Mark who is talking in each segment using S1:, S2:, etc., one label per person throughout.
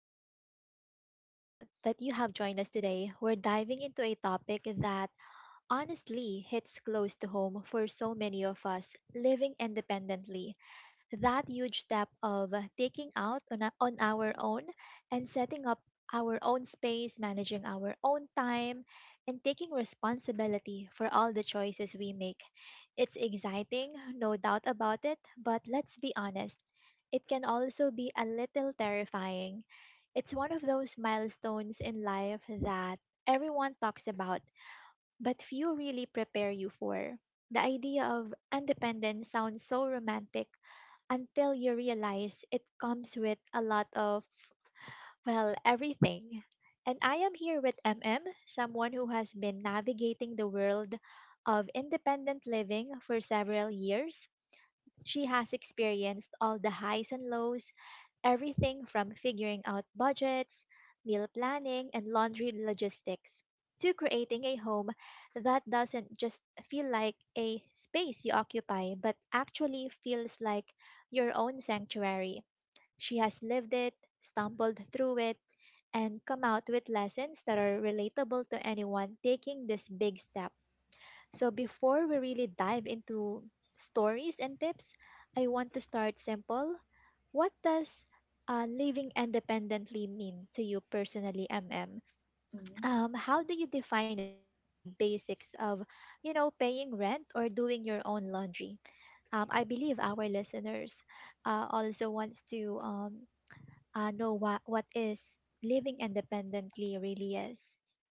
S1: glad that you have joined us today. We're diving into a topic that honestly hits close to home for so many of us living independently, that huge step of taking out on, on our own and setting up our own space, managing our own time, and taking responsibility for all the choices we make. It's exciting, no doubt about it, but let's be honest, it can also be a little terrifying. It's one of those milestones in life that everyone talks about, but few really prepare you for. The idea of independence sounds so romantic until you realize it comes with a lot of, well, everything. And I am here with MM, someone who has been navigating the world of independent living for several years. She has experienced all the highs and lows, everything from figuring out budgets, meal planning, and laundry logistics to creating a home that doesn't just feel like a space you occupy, but actually feels like your own sanctuary. She has lived it, stumbled through it, and come out with lessons that are relatable to anyone taking this big step. So, before we really dive into stories and tips, I want to start simple: what does living independently mean to you personally, MM?
S2: Mhm.
S1: How do you define it beyond the basics of, you know, paying rent or doing your own laundry? I believe our listeners also wants to know what is living independently really is.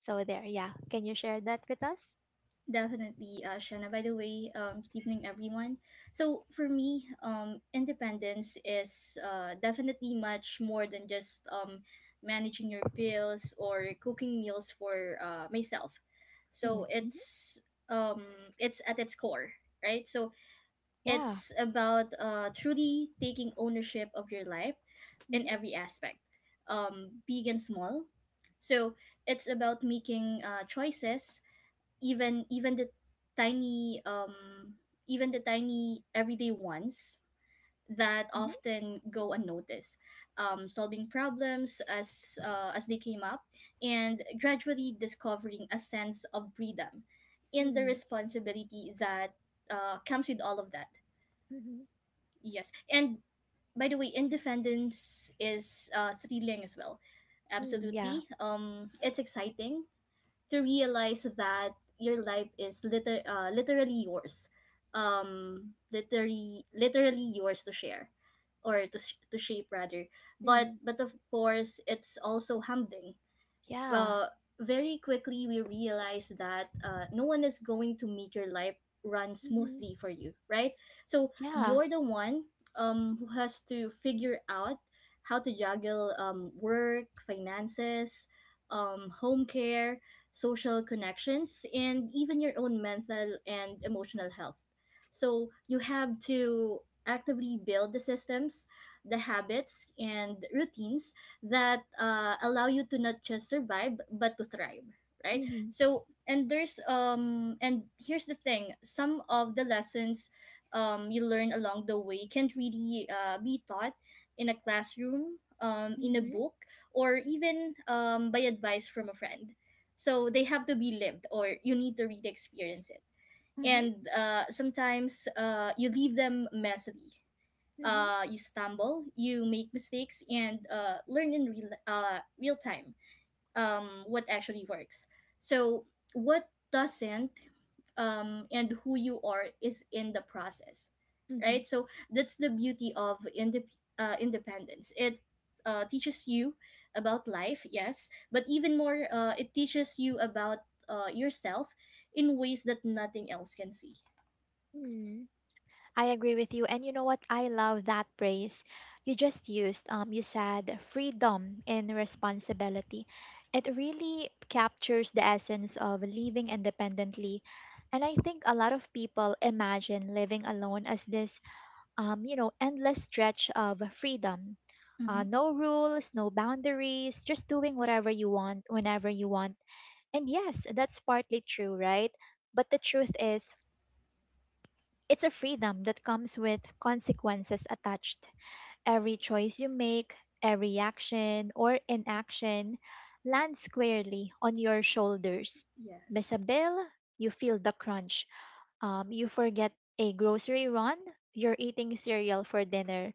S1: So there, yeah. Can you share that with us?
S2: Definitely, Shanna. By the way, good evening, everyone. So for me, independence is definitely much more than just managing your bills or cooking meals for myself.
S1: Mm,
S2: So
S1: mhm.
S2: it's it's at its core, right? So
S1: Yeah.
S2: it's about truly taking ownership of your life in
S1: Hmm.
S2: every aspect, big and small. So it's about making choices, even the tiny even the tiny everyday ones that
S1: Mhm.
S2: often go unnoticed, solving problems as they came up, and gradually discovering a sense of freedom in the
S1: Mm,
S2: responsibility that comes with all of that.
S1: mhm.
S2: Yes, and by the way, independence is thrilling as well,
S1: Mm, yeah.
S2: absolutely. Um, it's exciting to realize that your life is literally yours, literally yours to share, or to shape rather. but
S1: Mm,
S2: but of course it's also humbling.
S1: yeah.
S2: uh, Very quickly we realize that no one is going to make your life run
S1: Mhm.
S2: smoothly for you, right? So
S1: Yeah.
S2: you're the one who has to figure out how to juggle work, finances, home care, social connections, and even your own mental and emotional health. So you have to actively build the systems, the habits, and routines that allow you to not just survive but to thrive, right?
S1: Hmm.
S2: So and there's um and here's the thing. Some of the lessons you learn along the way can't really be taught in a classroom, in a
S1: Mhm.
S2: book, or even by advice from a friend. So they have to be lived, or you need to really experience it.
S1: Mhm.
S2: And sometimes you leave them messily.
S1: Mhm.
S2: You stumble, you make mistakes, and learn in real time what actually works. So, what doesn't, and who you are is in the process,
S1: Mhm.
S2: right? So, that's the beauty of independence. It teaches you about life, yes, but even more, it teaches you about yourself in ways that nothing else can see.
S1: Mhm. I agree with you. And you know what? I love that phrase you just used. You said freedom and responsibility. It really captures the essence of living independently. And I think a lot of people imagine living alone as this, endless stretch of freedom.
S2: Hmm.
S1: No rules, no boundaries, just doing whatever you want, whenever you want. And yes, that's partly true, right? But the truth is, it's a freedom that comes with consequences attached. Every choice you make, every action or inaction lands squarely on your shoulders.
S2: Yes,
S1: Miss a bill, you feel the crunch. You forget a grocery run, you're eating cereal for dinner.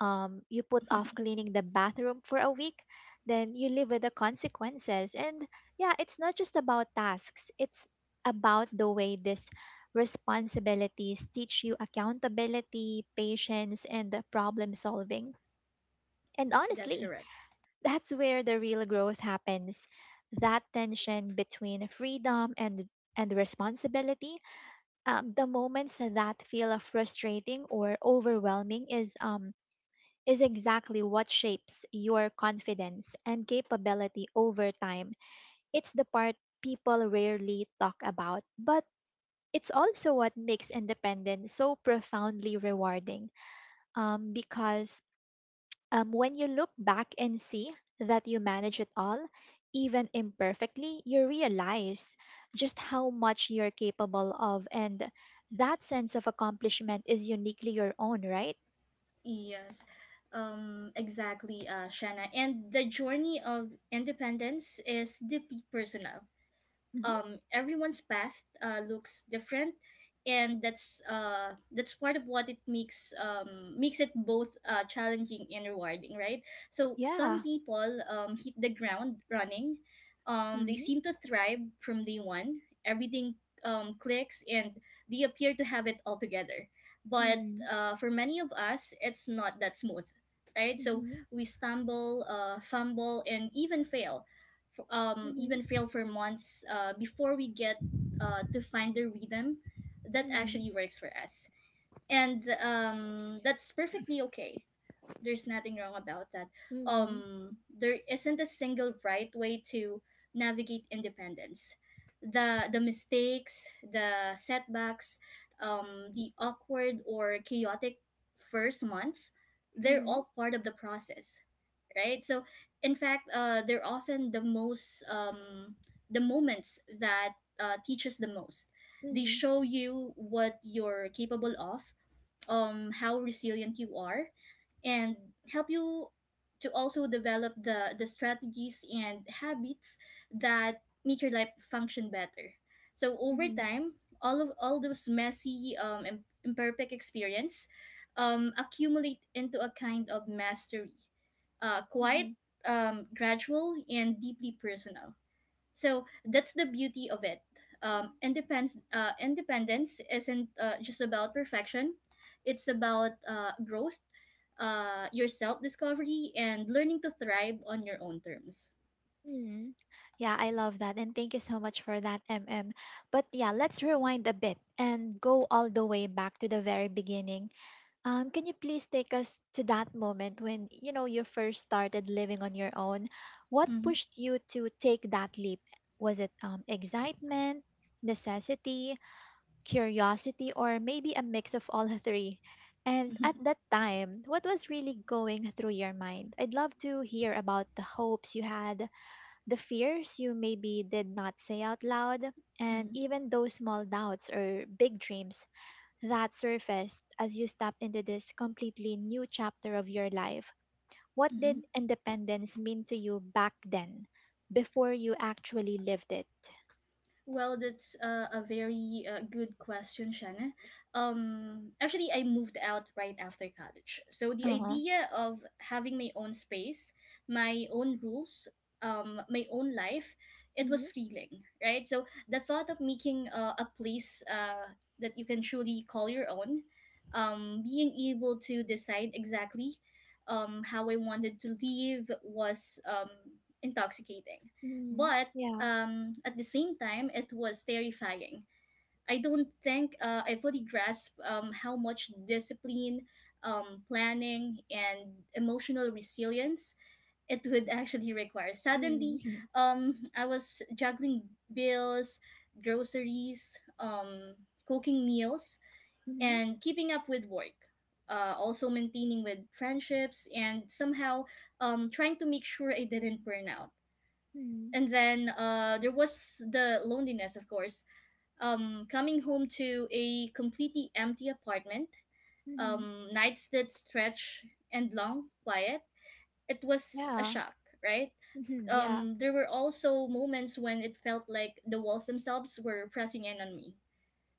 S1: You put off cleaning the bathroom for a week, then you live with the consequences. And yeah, it's not just about tasks, it's about the way these responsibilities teach you accountability, patience, and the problem solving. And
S2: that's
S1: honestly,
S2: correct.
S1: that's where the real growth happens. That tension between freedom and responsibility. The moments that feel frustrating or overwhelming is exactly what shapes your confidence and capability over time. It's the part people rarely talk about, but it's also what makes independence so profoundly rewarding, because when you look back and see that you manage it all, even imperfectly, you realize just how much you're capable of. And that sense of accomplishment is uniquely your own, right?
S2: Yes, exactly, Shanna. And the journey of independence is deeply personal.
S1: Hmm.
S2: Um, everyone's past looks different, and that's part of what it makes it both challenging and rewarding, right? So
S1: Yeah.
S2: some people hit the ground running. Um, they
S1: Mm-hmm.
S2: seem to thrive from day one. Everything clicks and they appear to have it all together. But
S1: Mm-hmm.
S2: for many of us it's not that smooth, right? So
S1: Mm-hmm.
S2: we stumble, fumble, and even fail. Even
S1: Mhm,
S2: fail for months before we get to find the rhythm that
S1: mhm,
S2: actually works for us. And that's perfectly okay. There's nothing wrong about that.
S1: mhm,
S2: There isn't a single right way to navigate independence. The mistakes, the setbacks, the awkward or chaotic first months, they're
S1: mhm,
S2: all part of the process, right? So in fact they're often the moments that teaches the most. They
S1: mhm,
S2: show you what you're capable of, how resilient you are, and help you to also develop the strategies and habits that make your life function better. So over
S1: mhm,
S2: time all those messy imperfect experience accumulate into a kind of mastery, quiet,
S1: mhm,
S2: gradual, and deeply personal. So that's the beauty of it. Independence isn't just about perfection. It's about growth, your self discovery, and learning to thrive on your own terms.
S1: mhm. Yeah, I love that. And thank you so much for that, M M. But yeah, let's rewind a bit and go all the way back to the very beginning. Can you please take us to that moment when, you know, you first started living on your own? What
S2: Mm-hmm.
S1: pushed you to take that leap? Was it excitement, necessity, curiosity, or maybe a mix of all three. And at that time, what was really going through your mind? I'd love to hear about the hopes you had, the fears you maybe did not say out loud, and even those small doubts or big dreams that surfaced as you stepped into this completely new chapter of your life. What did independence mean to you back then, before you actually lived it?
S2: Well, that's a very good question, Shanna. Actually, I moved out right after college. So the
S1: Uh huh.
S2: idea of having my own space, my own rules, my own life, it
S1: Mm-hmm.
S2: was thrilling, right? So the thought of making a place that you can truly call your own, being able to decide exactly how I wanted to live was intoxicating.
S1: Mm-hmm.
S2: But
S1: Yeah.
S2: at the same time, it was terrifying. I don't think I fully grasped how much discipline, planning, and emotional resilience it would actually require. Suddenly,
S1: Mm-hmm.
S2: I was juggling bills, groceries, cooking meals, and keeping up with work. Also maintaining with friendships, and somehow trying to make sure I didn't burn out.
S1: Mhm,
S2: And then there was the loneliness, of course. Um, coming home to a completely empty apartment,
S1: mhm.
S2: nights that stretch and long quiet, it was a
S1: Yeah.
S2: shock, right?
S1: Mhm, yeah.
S2: Um, there were also moments when it felt like the walls themselves were pressing in on me.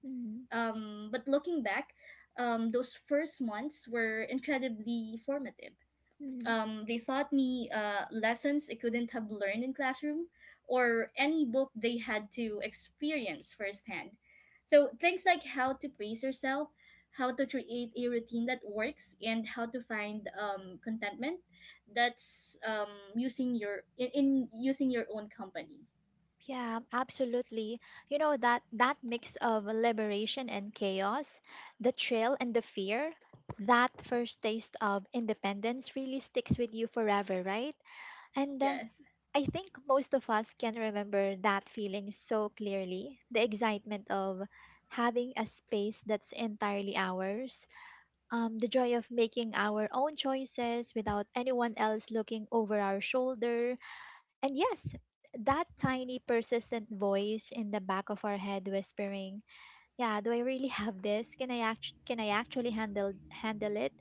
S1: Mhm,
S2: Um, but looking back, those first months were incredibly formative.
S1: mhm.
S2: Um, they taught me lessons I couldn't have learned in classroom or any book. They had to experience firsthand. So things like how to pace yourself, how to create a routine that works, and how to find contentment. That's using your in using your own company.
S1: Yeah, absolutely. You know, that mix of liberation and chaos, the thrill and the fear, that first taste of independence really sticks with you forever, right? And
S2: Yes.
S1: I think most of us can remember that feeling so clearly, the excitement of having a space that's entirely ours, the joy of making our own choices without anyone else looking over our shoulder. And yes, that tiny persistent voice in the back of our head whispering, "Yeah, do I really have this? Can I actually handle it?"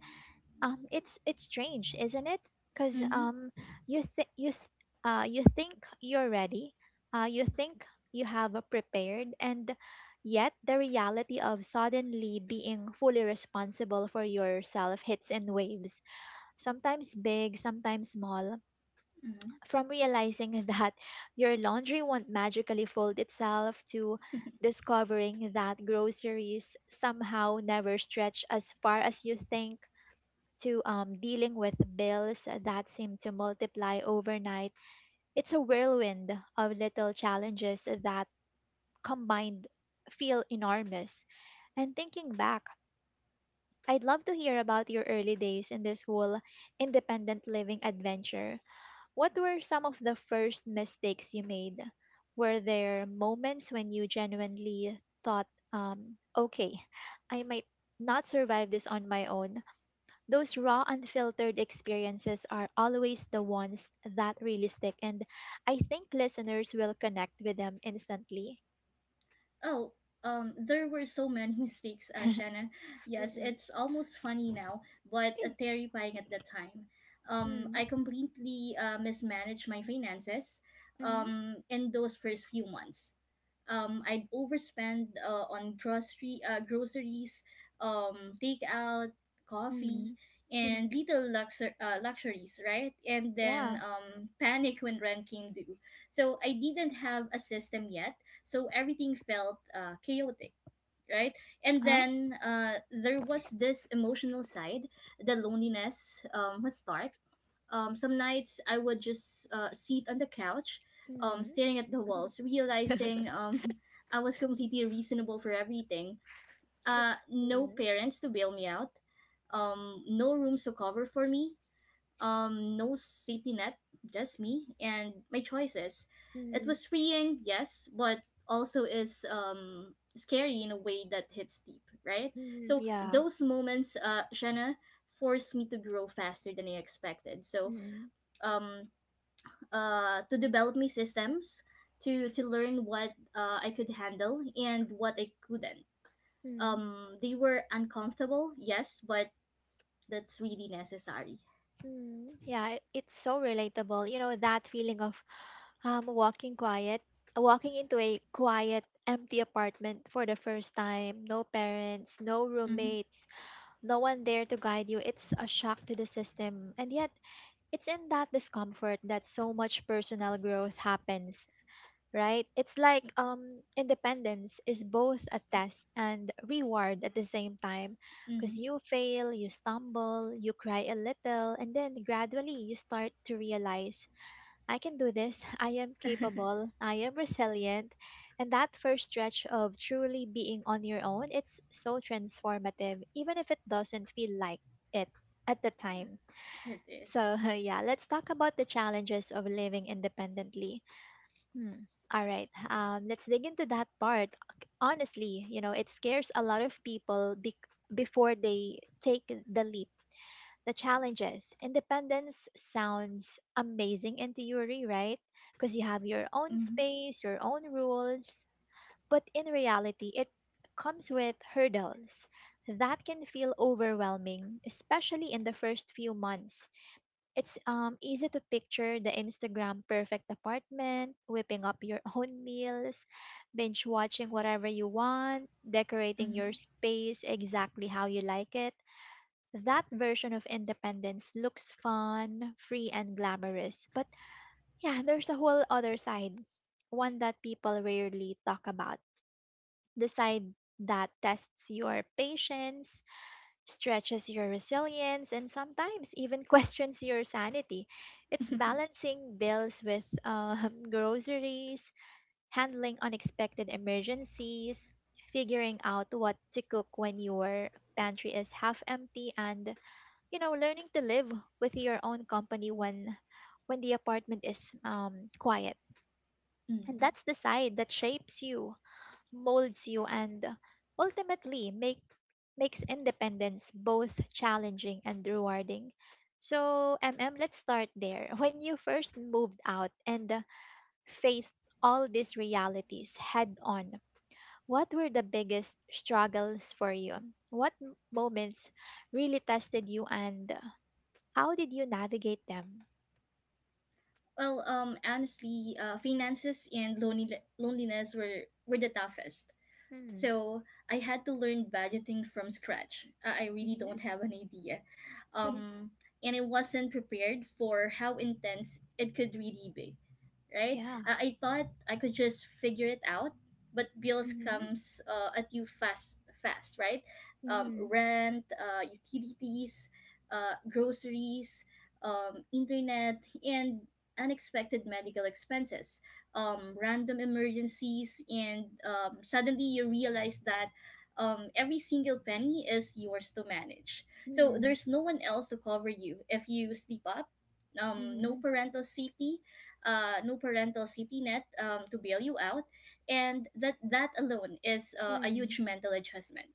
S1: It's strange, isn't it, because
S2: Mm-hmm.
S1: you think you th- you think you're ready, you think you have prepared, and yet the reality of suddenly being fully responsible for yourself hits in waves, sometimes big, sometimes small,
S2: Mm-hmm.
S1: from realizing that your laundry won't magically fold itself, to discovering that groceries somehow never stretch as far as you think, to dealing with bills that seem to multiply overnight. It's a whirlwind of little challenges that, combined, feel enormous. And thinking back, I'd love to hear about your early days in this whole independent living adventure. What were some of the first mistakes you made? Were there moments when you genuinely thought, okay, I might not survive this on my own? Those raw, unfiltered experiences are always the ones that really stick, and I think listeners will connect with them instantly.
S2: Oh, there were so many mistakes, Shanna. Yes,
S1: Mm-mm.
S2: it's almost funny now, but
S1: Mm.
S2: terrifying at the time.
S1: Hmm.
S2: I completely mismanaged my finances
S1: Mhm.
S2: in those first few months. I'd overspend on grocery groceries, takeout, coffee,
S1: Mm.
S2: and little luxuries, right? And then
S1: Yeah.
S2: panic when rent came due. So I didn't have a system yet, so everything felt chaotic, right? And
S1: Huh?
S2: then there was this emotional side, the loneliness. Um, must start. Um, some nights I would just sit on the couch,
S1: Hmm.
S2: staring at the walls, realizing I was completely reasonable for everything.
S1: Hmm.
S2: Uh, no parents to bail me out, no rooms to cover for me, no safety net, just me and my choices. It
S1: Hmm.
S2: was freeing, yes, but also is scary in a way that hits deep, right?
S1: Hmm.
S2: So
S1: Yeah.
S2: those moments, Shanna, forced me to grow faster than I expected. So
S1: Hmm.
S2: um, to develop my systems, to learn what I could handle and what I couldn't.
S1: Hmm.
S2: They were uncomfortable, yes, but that's really necessary.
S1: Hmm. Yeah, it's so relatable. You know, that feeling of Um, walking quiet, walking into a quiet, empty apartment for the first time. No parents, no
S2: Mm-hmm.
S1: roommates, no one there to guide you. It's a shock to the system. And yet, it's in that discomfort that so much personal growth happens, right? It's like, independence is both a test and reward at the same time.
S2: Mm-hmm.
S1: Because you fail, you stumble, you cry a little, and then gradually you start to realize I can do this. I am capable. I am resilient. And that first stretch of truly being on your own, it's so transformative, even if it doesn't feel like it at the time.
S2: It is.
S1: So, yeah, let's talk about the challenges of living independently. Hmm. All right, let's dig into that part. Honestly, you know, it scares a lot of people bec before they take the leap, the challenges. Independence sounds amazing in theory, right? Because you have your own
S2: Mm-hmm.
S1: space, your own rules. But in reality, it comes with hurdles that can feel overwhelming, especially in the first few months. It's easy to picture the Instagram perfect apartment, whipping up your own meals, binge watching whatever you want, decorating
S2: Mhm.
S1: your space exactly how you like it. That version of independence looks fun, free, and glamorous. But yeah, there's a whole other side, one that people rarely talk about. The side that tests your patience, stretches your resilience, and sometimes even questions your sanity. It's balancing bills with groceries, handling unexpected emergencies, figuring out what to cook when your pantry is half empty, and, you know, learning to live with your own company when the apartment is quiet. And
S2: Mm.
S1: that's the side that shapes you, molds you, and ultimately makes independence both challenging and rewarding. So, mm, let's start there. When you first moved out and faced all these realities head on, what were the biggest struggles for you? What moments really tested you, and how did you navigate them?
S2: Well, honestly, finances and loneliness were the toughest.
S1: Hmm.
S2: So I had to learn budgeting from scratch. I really
S1: Mm-hmm.
S2: don't have an idea. Um, and I wasn't prepared for how intense it could really be, right?
S1: Yeah.
S2: I thought I could just figure it out, but bills
S1: Mm-hmm.
S2: comes at you fast, fast, right?
S1: Mm-hmm.
S2: Rent, utilities, groceries, internet, and unexpected medical expenses, random emergencies, and suddenly you realize that every single penny is yours to manage. So
S1: Mm-hmm.
S2: there's no one else to cover you if you sleep up. Um, no
S1: Mm-hmm.
S2: parental safety, uh, no parental safety net to bail you out, and that alone is a
S1: Mm-hmm.
S2: huge mental adjustment.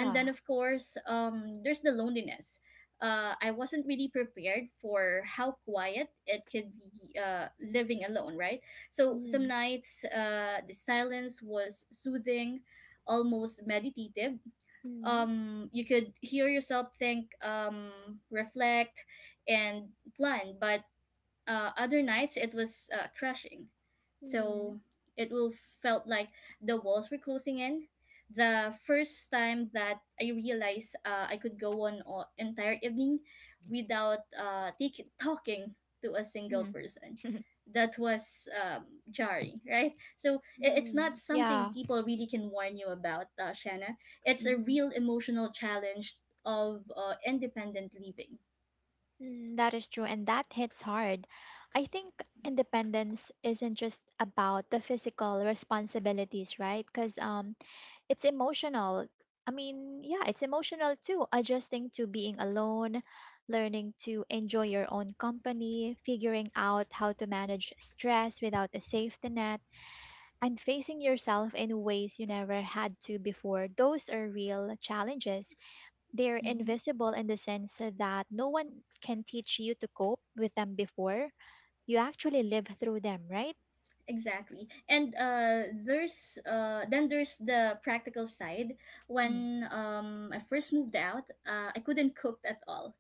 S2: And then of course there's the loneliness. Uh, I wasn't really prepared for how quiet it could be living alone, right? So some
S1: Mm,
S2: nights the silence was soothing, almost meditative.
S1: mm,
S2: Um, you could hear yourself think, reflect, and plan. But other nights it was crashing.
S1: mm,
S2: So it will felt like the walls were closing in. The first time that I realized I could go on an entire evening without talking to a single
S1: mm,
S2: person. That was jarring, right? So it's not
S1: mm,
S2: something
S1: yeah.
S2: people really can warn you about, Shanna. It's a
S1: Mm,
S2: real emotional challenge of independent living.
S1: mm, that is true, and that hits hard. I think independence isn't just about the physical responsibilities, right? Because, it's emotional. I mean, yeah, it's emotional too, adjusting to being alone, learning to enjoy your own company, figuring out how to manage stress without a safety net, and facing yourself in ways you never had to before. Those are real challenges. They're
S2: Mm-hmm.
S1: invisible in the sense that no one can teach you to cope with them before. You actually live through them, right?
S2: Exactly. And there's then there's the practical side.
S1: Mm.
S2: When I first moved out, I couldn't cook at all.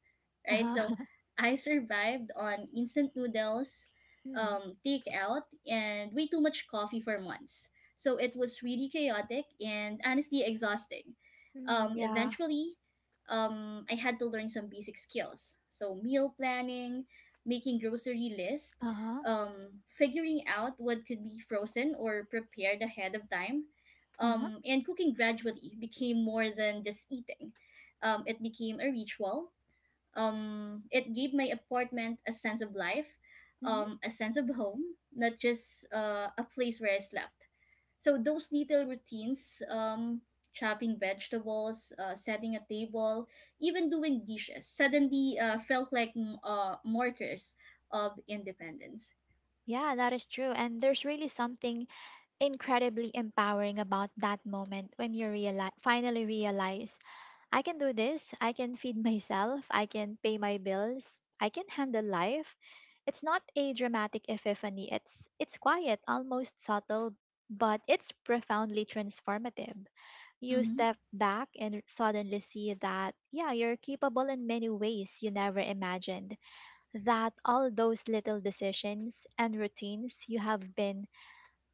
S2: Right? So
S1: Uh-huh.
S2: I survived on instant noodles,
S1: Mm.
S2: takeout, and way too much coffee for months. So it was really chaotic and honestly exhausting.
S1: Mm,
S2: Um
S1: yeah.
S2: eventually um I had to learn some basic skills. So meal planning, making grocery list,
S1: Uh-huh.
S2: figuring out what could be frozen or prepared ahead of time.
S1: Uh-huh.
S2: And cooking gradually became more than just eating. It became a ritual. It gave my apartment a sense of life,
S1: Mm-hmm.
S2: a sense of home, not just a place where I slept. So those little routines, chopping vegetables, setting a table, even doing dishes, suddenly felt like markers of independence.
S1: Yeah, that is true. And there's really something incredibly empowering about that moment when you realize, finally realize, I can do this. I can feed myself. I can pay my bills. I can handle life. It's not a dramatic epiphany. It's quiet, almost subtle, but it's profoundly transformative. You
S2: Mm-hmm.
S1: step back and suddenly see that yeah, you're capable in many ways you never imagined, that all those little decisions and routines you have been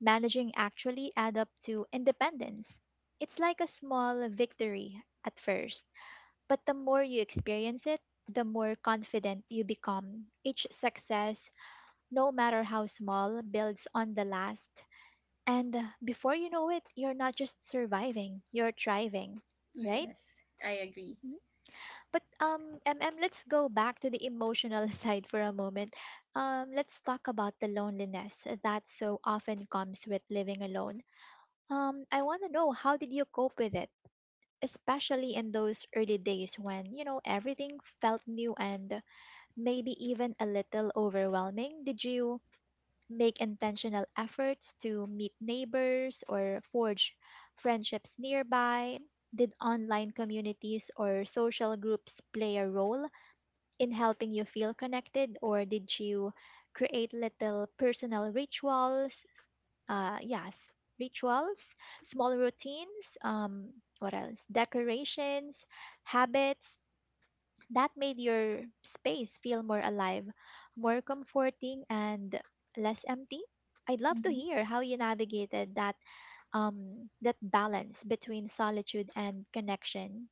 S1: managing actually add up to independence. It's like a small victory at first, but the more you experience it, the more confident you become. Each success, no matter how small, builds on the last. And before you know it, you're not just surviving, you're thriving, right?
S2: Yes, I agree.
S1: But let's go back to the emotional side for a moment. Let's talk about the loneliness that so often comes with living alone. I want to know how did you cope with it, especially in those early days when everything felt new and maybe even a little overwhelming. Did you make intentional efforts to meet neighbors or forge friendships nearby? Did online communities or social groups play a role in helping you feel connected, or did you create little personal rituals? Yes, rituals, small routines, what else? Decorations, habits that made your space feel more alive, more comforting, and less empty. I'd love to
S2: Mm-hmm.
S1: hear how you navigated that balance between solitude and connection.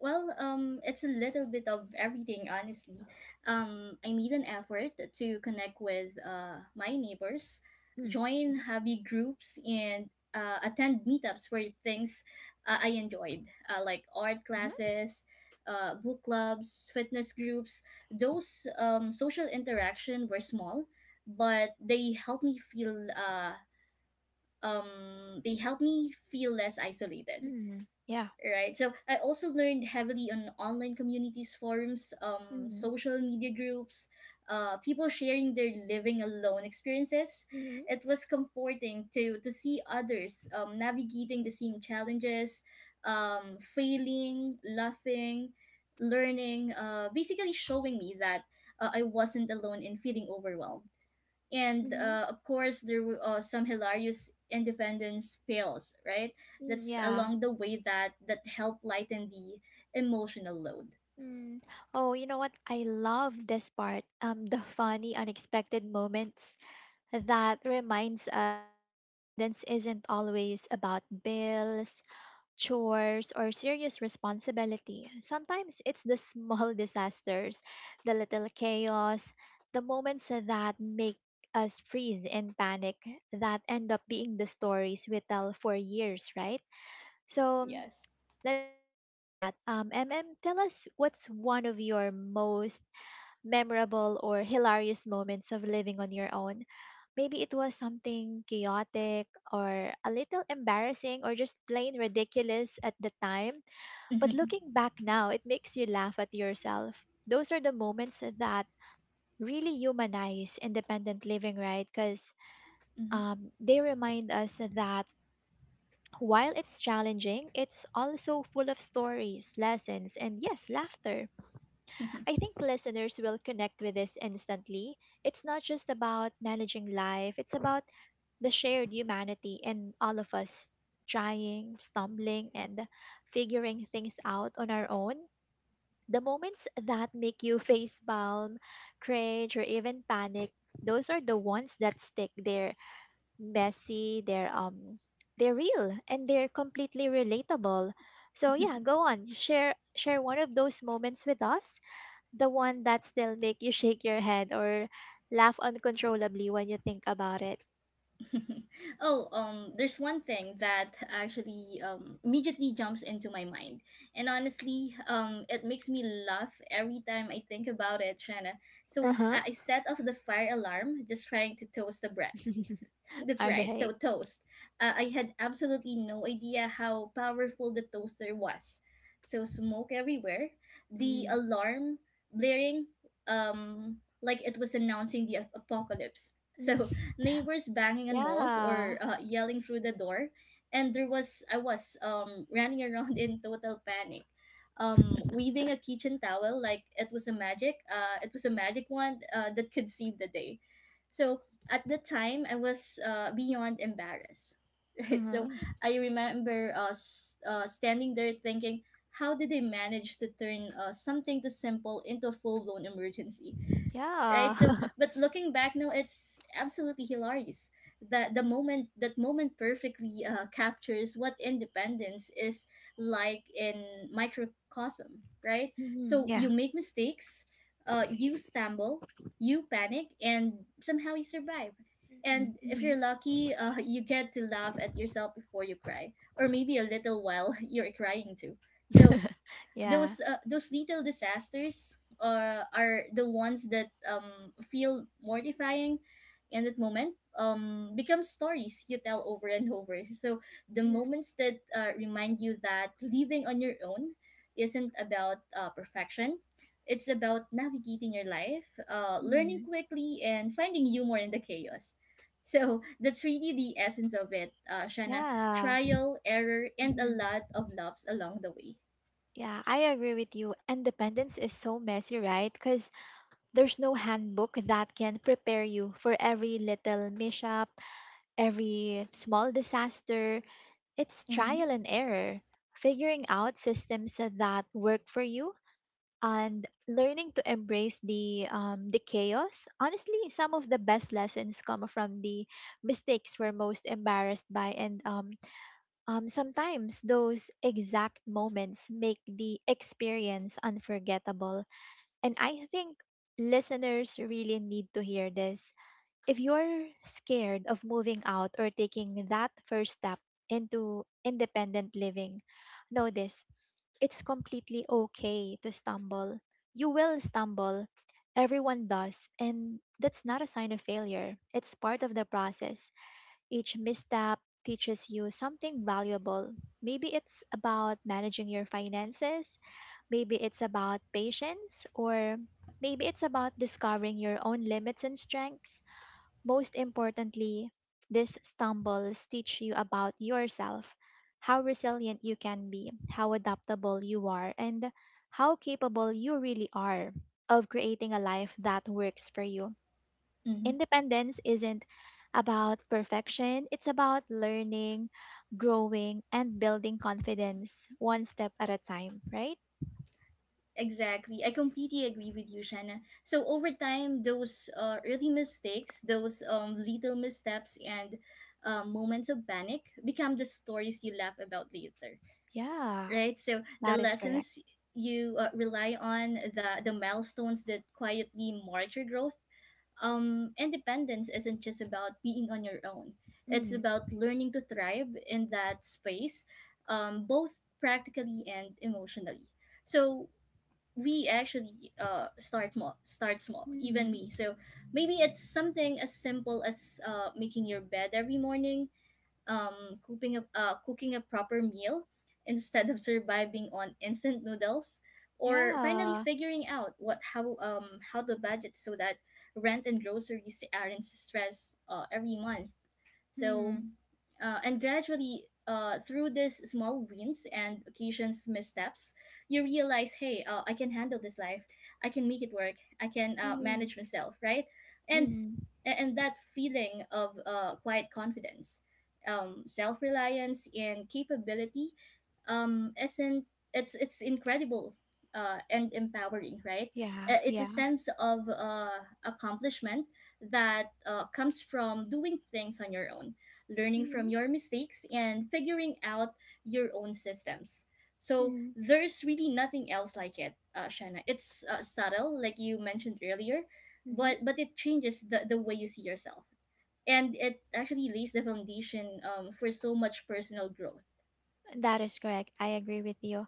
S2: Well, it's a little bit of everything, honestly. I made an effort to connect with my neighbors,
S1: Mm.
S2: join
S1: Mhm.
S2: hobby groups, and attend meetups for things I enjoyed, like art
S1: Mhm.
S2: classes, book clubs, fitness groups. Those social interaction were small, but they helped me feel they helped me feel less isolated.
S1: Mm. Yeah.
S2: Right, so I also learned heavily on online communities, forums,
S1: Mm.
S2: social media groups, people sharing their living alone experiences.
S1: Mhm.
S2: It was comforting to see others navigating the same challenges, failing, laughing, learning, basically showing me that I wasn't alone in feeling overwhelmed. And
S1: Mhm.
S2: of course there were some hilarious independence fails, right,
S1: Mm,
S2: that's
S1: yeah.
S2: along the way that help lighten the emotional load.
S1: Mm. Oh, you know what? I love this part. The funny, unexpected moments that reminds us independence isn't always about bills, chores, or serious responsibility. Sometimes it's the small disasters, the little chaos, the moments that make us freeze in panic that end up being the stories we tell for years, right? So
S2: Yes.
S1: let's dive into that. Tell us what's one of your most memorable or hilarious moments of living on your own. Maybe it was something chaotic or a little embarrassing or just plain ridiculous at the time. But
S2: Mhm,
S1: looking back now, it makes you laugh at yourself. Those are the moments that really humanize independent living, right? Because they remind us that while it's challenging, it's also full of stories, lessons, and yes, laughter.
S2: mhm.
S1: I think listeners will connect with this instantly. It's not just about managing life, it's about the shared humanity and all of us trying, stumbling, and figuring things out on our own. The moments that make you face palm, cringe, or even panic, those are the ones that stick there messy, they're real and they're completely relatable. So yeah, go on. Share one of those moments with us. The one that still make you shake your head or laugh uncontrollably when you think about it.
S2: Oh, there's one thing that actually immediately jumps into my mind, and honestly, it makes me laugh every time I think about it, Shanna. So
S1: Uh-huh.
S2: I set off the fire alarm, just trying to toast the bread. That's
S1: All
S2: right.
S1: right.
S2: So toast. I had absolutely no idea how powerful the toaster was. So smoke everywhere, the
S1: Mm.
S2: alarm blaring, um, like it was announcing the apocalypse. So
S1: Mm.
S2: neighbors banging on walls
S1: Yeah.
S2: or yelling through the door, and there was I was running around in total panic, weaving a kitchen towel like it was a magic wand that could save the day. So at the time I was beyond embarrassed.
S1: Uh
S2: Right, so
S1: huh.
S2: I remember standing there thinking, how did they manage to turn something too simple into a full blown emergency,
S1: Yeah.
S2: right? So, but looking back now, it's absolutely hilarious. That moment perfectly captures what independence is like in microcosm, right?
S1: Mhm.
S2: So you
S1: Yeah.
S2: make mistakes, you stumble, you panic, and somehow you survive. And if
S1: Mm-hmm.
S2: you're lucky, you get to laugh at yourself before you cry, or maybe a little while you're crying too. So
S1: Yeah.
S2: those little disasters are the ones that feel mortifying in that moment, become stories you tell over and over. So the moments that remind you that living on your own isn't about perfection, it's about navigating your life, learning
S1: Mm-hmm.
S2: quickly and finding humor in the chaos. So that's really the essence of it, Shana,
S1: Yeah.
S2: trial error and a
S1: Mhm.
S2: lot of loves along the way.
S1: Yeah, I agree with you. Independence is so messy, right? Because there's no handbook that can prepare you for every little mishap, every small disaster. It's
S2: Mm-hmm.
S1: trial and error, figuring out systems that work for you and learning to embrace the chaos. Honestly, some of the best lessons come from the mistakes we're most embarrassed by and sometimes those exact moments make the experience unforgettable. And I think listeners really need to hear this. If you're scared of moving out or taking that first step into independent living, know this it's completely okay to stumble. You will stumble. Everyone does. And that's not a sign of failure, it's part of the process. Each misstep teaches you something valuable. Maybe it's about managing your finances, maybe it's about patience, or maybe it's about discovering your own limits and strengths. Most importantly, these stumbles teach you about yourself, how resilient you can be, how adaptable you are, and how capable you really are of creating a life that works for you.
S2: Mm-hmm.
S1: Independence isn't about perfection, it's about learning, growing, and building confidence one step at a time, right?
S2: Exactly. I completely agree with you, Shanna. So over time, those early mistakes, those little missteps and moments of panic become the stories you laugh about later,
S1: Yeah,
S2: right? So the
S1: that is correct.
S2: lessons you rely on, the milestones that quietly mark your growth. Independence isn't just about being on your own. It's
S1: Mm-hmm.
S2: about learning to thrive in that space, both practically and emotionally. So we actually start small even
S1: Hmm.
S2: me. So maybe it's something as simple as making your bed every morning, cooking a proper meal instead of surviving on instant noodles, or finally
S1: Yeah.
S2: figuring out what how to budget so that rent and groceries aren't stress every month. So,
S1: Mm-hmm.
S2: and gradually, through these small wins and occasions missteps, you realize, hey, I can handle this life. I can make it work. I can
S1: Hmm.
S2: manage myself, right? And
S1: Hmm.
S2: and that feeling of quiet confidence, self reliance, and capability, isn't it's incredible, and empowering, right?
S1: Yeah,
S2: It's a
S1: yeah.
S2: sense of accomplishment that comes from doing things on your own, learning from
S1: Mm-hmm.
S2: your mistakes, and figuring out your own systems. So
S1: Mm-hmm.
S2: there's really nothing else like it, Shanna. It's subtle, like you mentioned earlier,
S1: Mm-hmm.
S2: but it changes the way you see yourself, and it actually lays the foundation for so much personal growth.
S1: That is correct. I agree with you.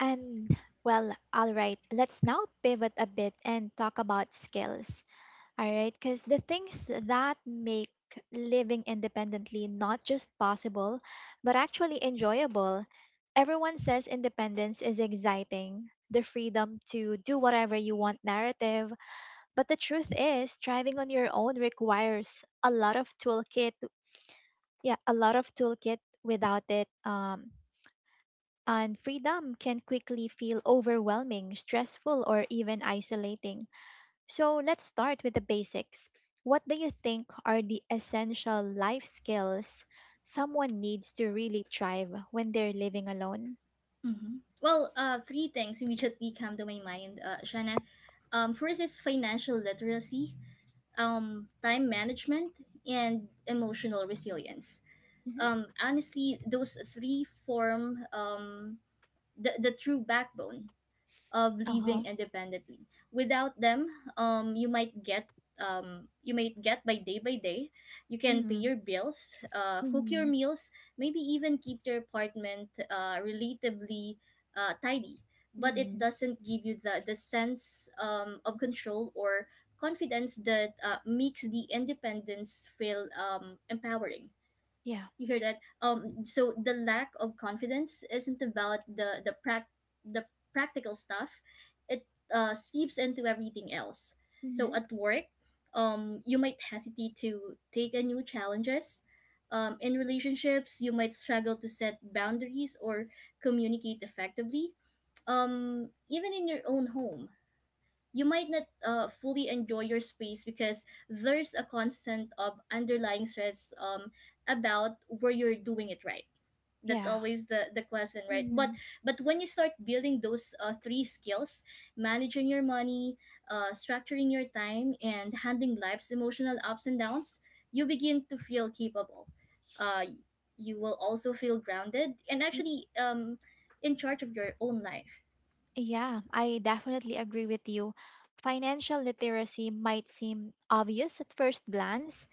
S1: And well, all right, let's now pivot a bit and talk about skills. All right, because the things that make living independently not just possible, but actually enjoyable. Everyone says independence is exciting, the freedom to do whatever you want narrative, but the truth is driving on your own requires a lot of toolkit, yeah, a lot of toolkit without it, and freedom can quickly feel overwhelming, stressful or even isolating. So let's start with the basics. What do you think are the essential life skills someone needs to really thrive when they're living alone?
S2: Hmm. Well, three things immediately come to my mind, Shanna. First is financial literacy, time management, and emotional resilience.
S1: Mm-hmm.
S2: Honestly, those three form the true backbone of
S1: Uh huh.
S2: living independently. Without them, um, you might get you might get by day by day. You can pay
S1: Mm,
S2: your bills, cook your
S1: mm,
S2: meals, maybe even keep your apartment relatively tidy. But it
S1: mm,
S2: doesn't give you the sense of control or confidence that makes the independence feel empowering.
S1: yeah.
S2: You hear that? Um, so the lack of confidence isn't about the practical stuff. It seeps into everything else. So
S1: Mm-hmm.
S2: at work, you might hesitate to take on new challenges. Um, in relationships you might struggle to set boundaries or communicate effectively. Um, even in your own home, you might not fully enjoy your space because there's a constant of underlying stress, about where you're doing it right. That's
S1: Yeah.
S2: always the question, right? but
S1: Mm,
S2: but when you start building those three skills, managing your money, structuring your time and handling life's emotional ups and downs, you begin to feel capable. uh, you will also feel grounded and
S1: mm.
S2: actually in charge of your own life.
S1: Yeah, I definitely agree with you. Financial literacy might seem obvious at first glance.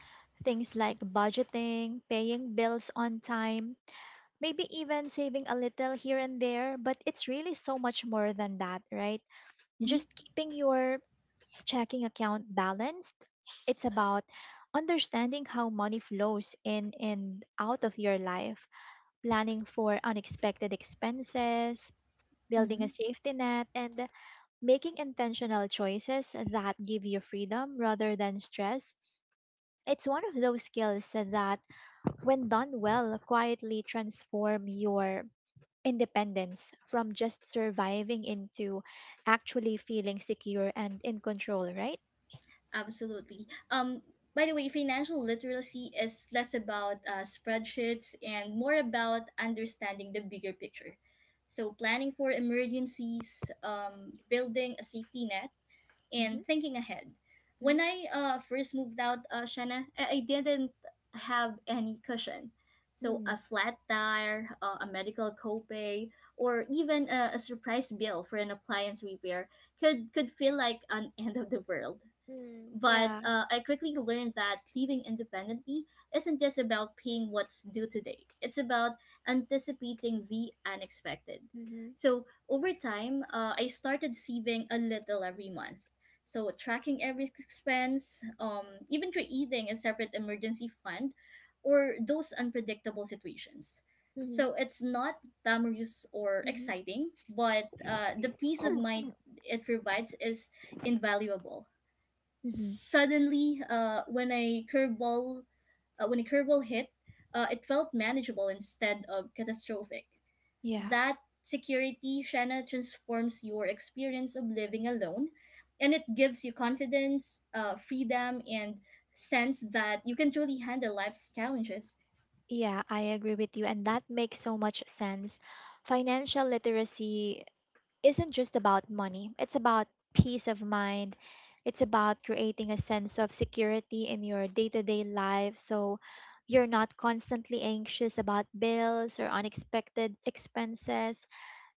S1: Things like budgeting, paying bills on time, maybe even saving a little here and there, but it's really so much more than that, right?
S2: Mm-hmm,
S1: Just keeping your checking account balanced. It's about understanding how money flows in and out of your life, planning for unexpected expenses, building a
S2: mm-hmm.
S1: safety net, and making intentional choices that give you freedom rather than stress. It's one of those skills that, when done well, quietly transform your independence from just surviving into actually feeling secure and in control, right?
S2: Absolutely. By the way, financial literacy is less about spreadsheets and more about understanding the bigger picture. So, planning for emergencies, building a safety net,
S1: Mm-hmm.
S2: and thinking ahead.
S1: Mm-hmm.
S2: When I first moved out, Shanna, I didn't have any cushion. So, a
S1: Mm.
S2: flat tire, a medical copay, or even a surprise bill for an appliance repair could feel like an end of the world.
S1: Mm.
S2: But
S1: Yeah.
S2: I quickly learned that living independently isn't just about paying what's due today, it's about anticipating the unexpected.
S1: Mm-hmm.
S2: So over time, I started saving a little every month. So tracking every expense, even creating a separate emergency fund or those unpredictable situations.
S1: Mm-hmm.
S2: So it's not glamorous or
S1: Mm-hmm.
S2: exciting, but the peace of mind it provides is invaluable.
S1: Mm-hmm.
S2: Suddenly, when a curveball hit, it felt manageable instead of catastrophic.
S1: Yeah.
S2: That security, Shanna, transforms your experience of living alone, and it gives you confidence, freedom, and sense that you can truly handle life's challenges.
S1: Yeah, I agree with you. And that makes so much sense. Financial literacy isn't just about money, it's about peace of mind. It's about creating a sense of security in your day to day life so you're not constantly anxious about bills or unexpected expenses.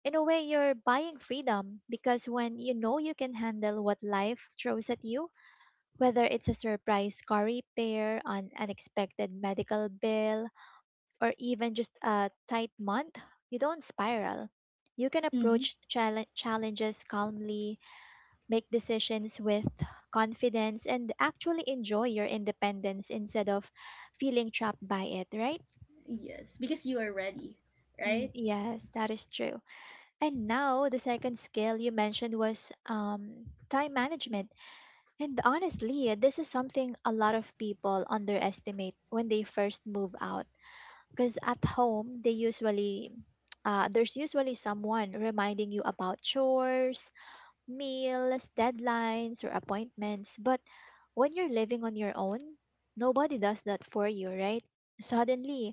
S1: In a way, you're buying freedom because when you know you can handle what life throws at you, whether it's a surprise car repair, an unexpected medical bill, or even just a tight month, you don't spiral. You can
S2: Mm-hmm.
S1: approach challenges calmly, make decisions with confidence, and actually enjoy your independence instead of feeling trapped by it, right?
S2: Yes, because you are ready,
S1: Mm,
S2: right?
S1: yes, that is true. And now, the second skill you mentioned was time management. And honestly, this is something a lot of people underestimate when they first move out because at home they usually there's usually someone reminding you about chores, meals, deadlines or appointments, but when you're living on your own, nobody does that for you, right? Suddenly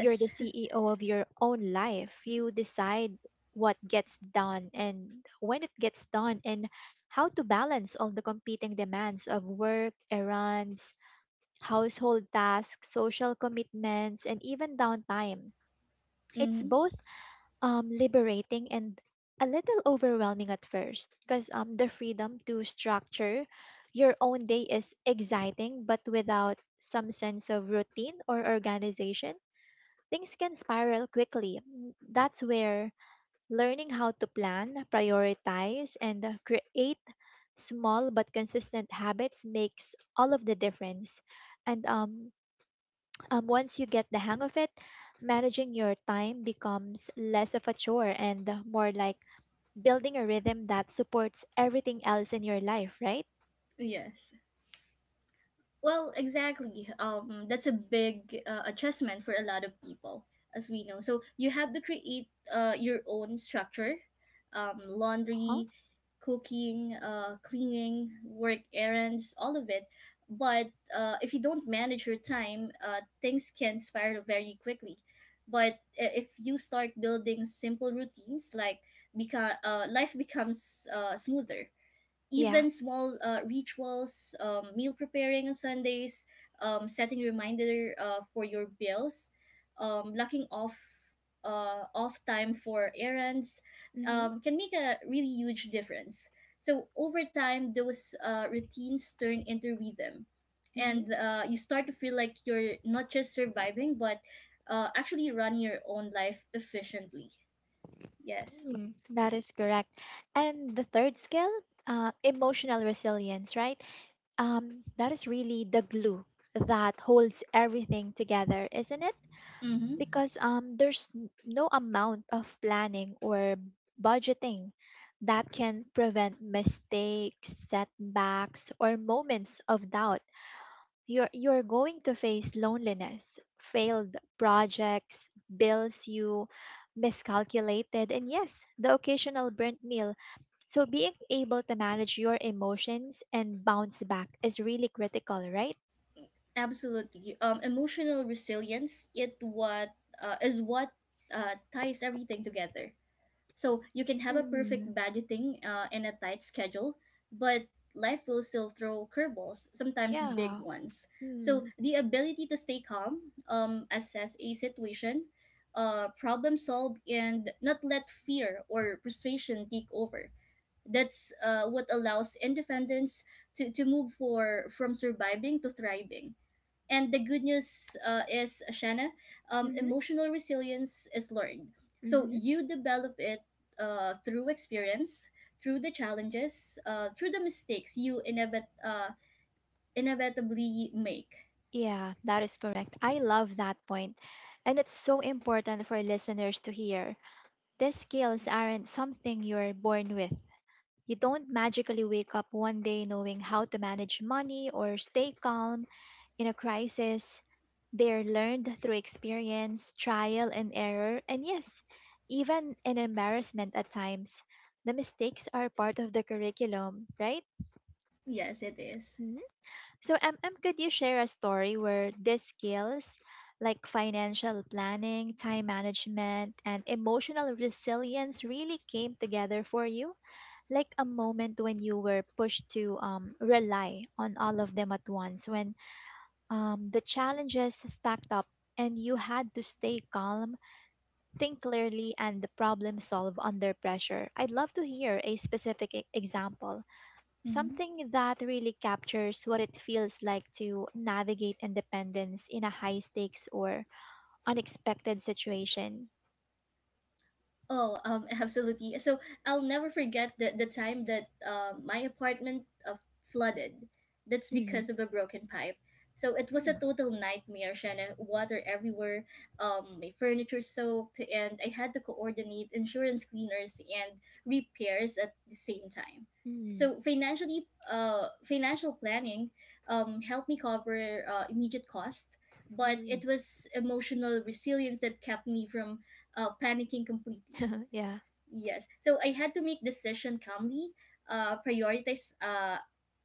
S1: you're the CEO of your own life. You decide what gets done and when it gets done and how to balance all the competing demands of work, errands, household tasks, social commitments and even downtime. It's
S2: Mm-hmm.
S1: both liberating and a little overwhelming at first because the freedom to structure your own day is exciting, but without some sense of routine or organization, things can spiral quickly. Mm. That's where learning how to plan, prioritize, and create small but consistent habits makes all of the difference. And Once you get the hang of it, managing your time becomes less of a chore and more like building a rhythm that supports everything else in your life, right?
S2: Yes. Well, exactly. That's a big adjustment for a lot of people, as we know. So you have to create your own structure,
S1: Huh?
S2: laundry, cooking, cleaning, work errands, all of it. But if you don't manage your time, things can spiral very quickly. But if you start building simple routines, like life becomes smoother.
S1: Yeah.
S2: Even small rituals, meal preparing on Sundays, setting reminder for your bills, locking off off time for errands,
S1: Mm-hmm.
S2: can make a really huge difference. So over time, those routines turn into rhythm,
S1: Mm-hmm.
S2: and you start to feel like you're not just surviving, but actually running your own life efficiently. Yes.
S1: Mm. That is correct. And the third skill, emotional resilience, right? That is really the glue that holds everything together, isn't it?
S2: Mm-hmm.
S1: Because there's no amount of planning or budgeting that can prevent mistakes, setbacks or moments of doubt. You're going to face loneliness, failed projects, bills you miscalculated and yes, the occasional burnt meal. So being able to manage your emotions and bounce back is really critical, right?
S2: Absolutely. Emotional resilience it what is what ties everything together. So you can have a
S1: Mm-hmm.
S2: perfect budgeting and a tight schedule, but life will still throw curveballs, sometimes big
S1: Yeah.
S2: ones. So
S1: Mm-hmm.
S2: the ability to stay calm, assess a situation, problem solve, and not let fear or frustration take over. That's what allows independence to move for from surviving to thriving. And the good news is, Shanna, emotional resilience is learned. So
S1: Mm-hmm.
S2: you develop it through experience, through the challenges, through the mistakes you inevitably make.
S1: Yeah, that is correct. I love that point. And it's so important for listeners to hear. These skills aren't something you're born with. You don't magically wake up one day knowing how to manage money or stay calm in a crisis. They're learned through experience, trial and error, and yes, even in embarrassment at times. The mistakes are part of the curriculum, right?
S2: Yes, it is.
S1: So, could you share a story where these skills, like financial planning, time management, and emotional resilience, really came together for you? Like a moment when you were pushed to rely on all of them at once, when the challenges stacked up and you had to stay calm, think clearly, and the problem solve under pressure. I'd love to hear a specific example.
S2: Mm-hmm.
S1: Something that really captures what it feels like to navigate independence in a high stakes or unexpected situation.
S2: Oh, absolutely. So I'll never forget the time that my apartment flooded. That's
S1: Mm,
S2: because of a broken pipe. So it was a
S1: mm,
S2: total nightmare, Shanna. Water everywhere, my furniture soaked, and I had to coordinate insurance cleaners and repairs at the same time.
S1: mm,
S2: So financially, financial planning helped me cover immediate costs, but
S1: mm,
S2: it was emotional resilience that kept me from panicking completely.
S1: yeah,
S2: Yes. So I had to make decision calmly, prioritize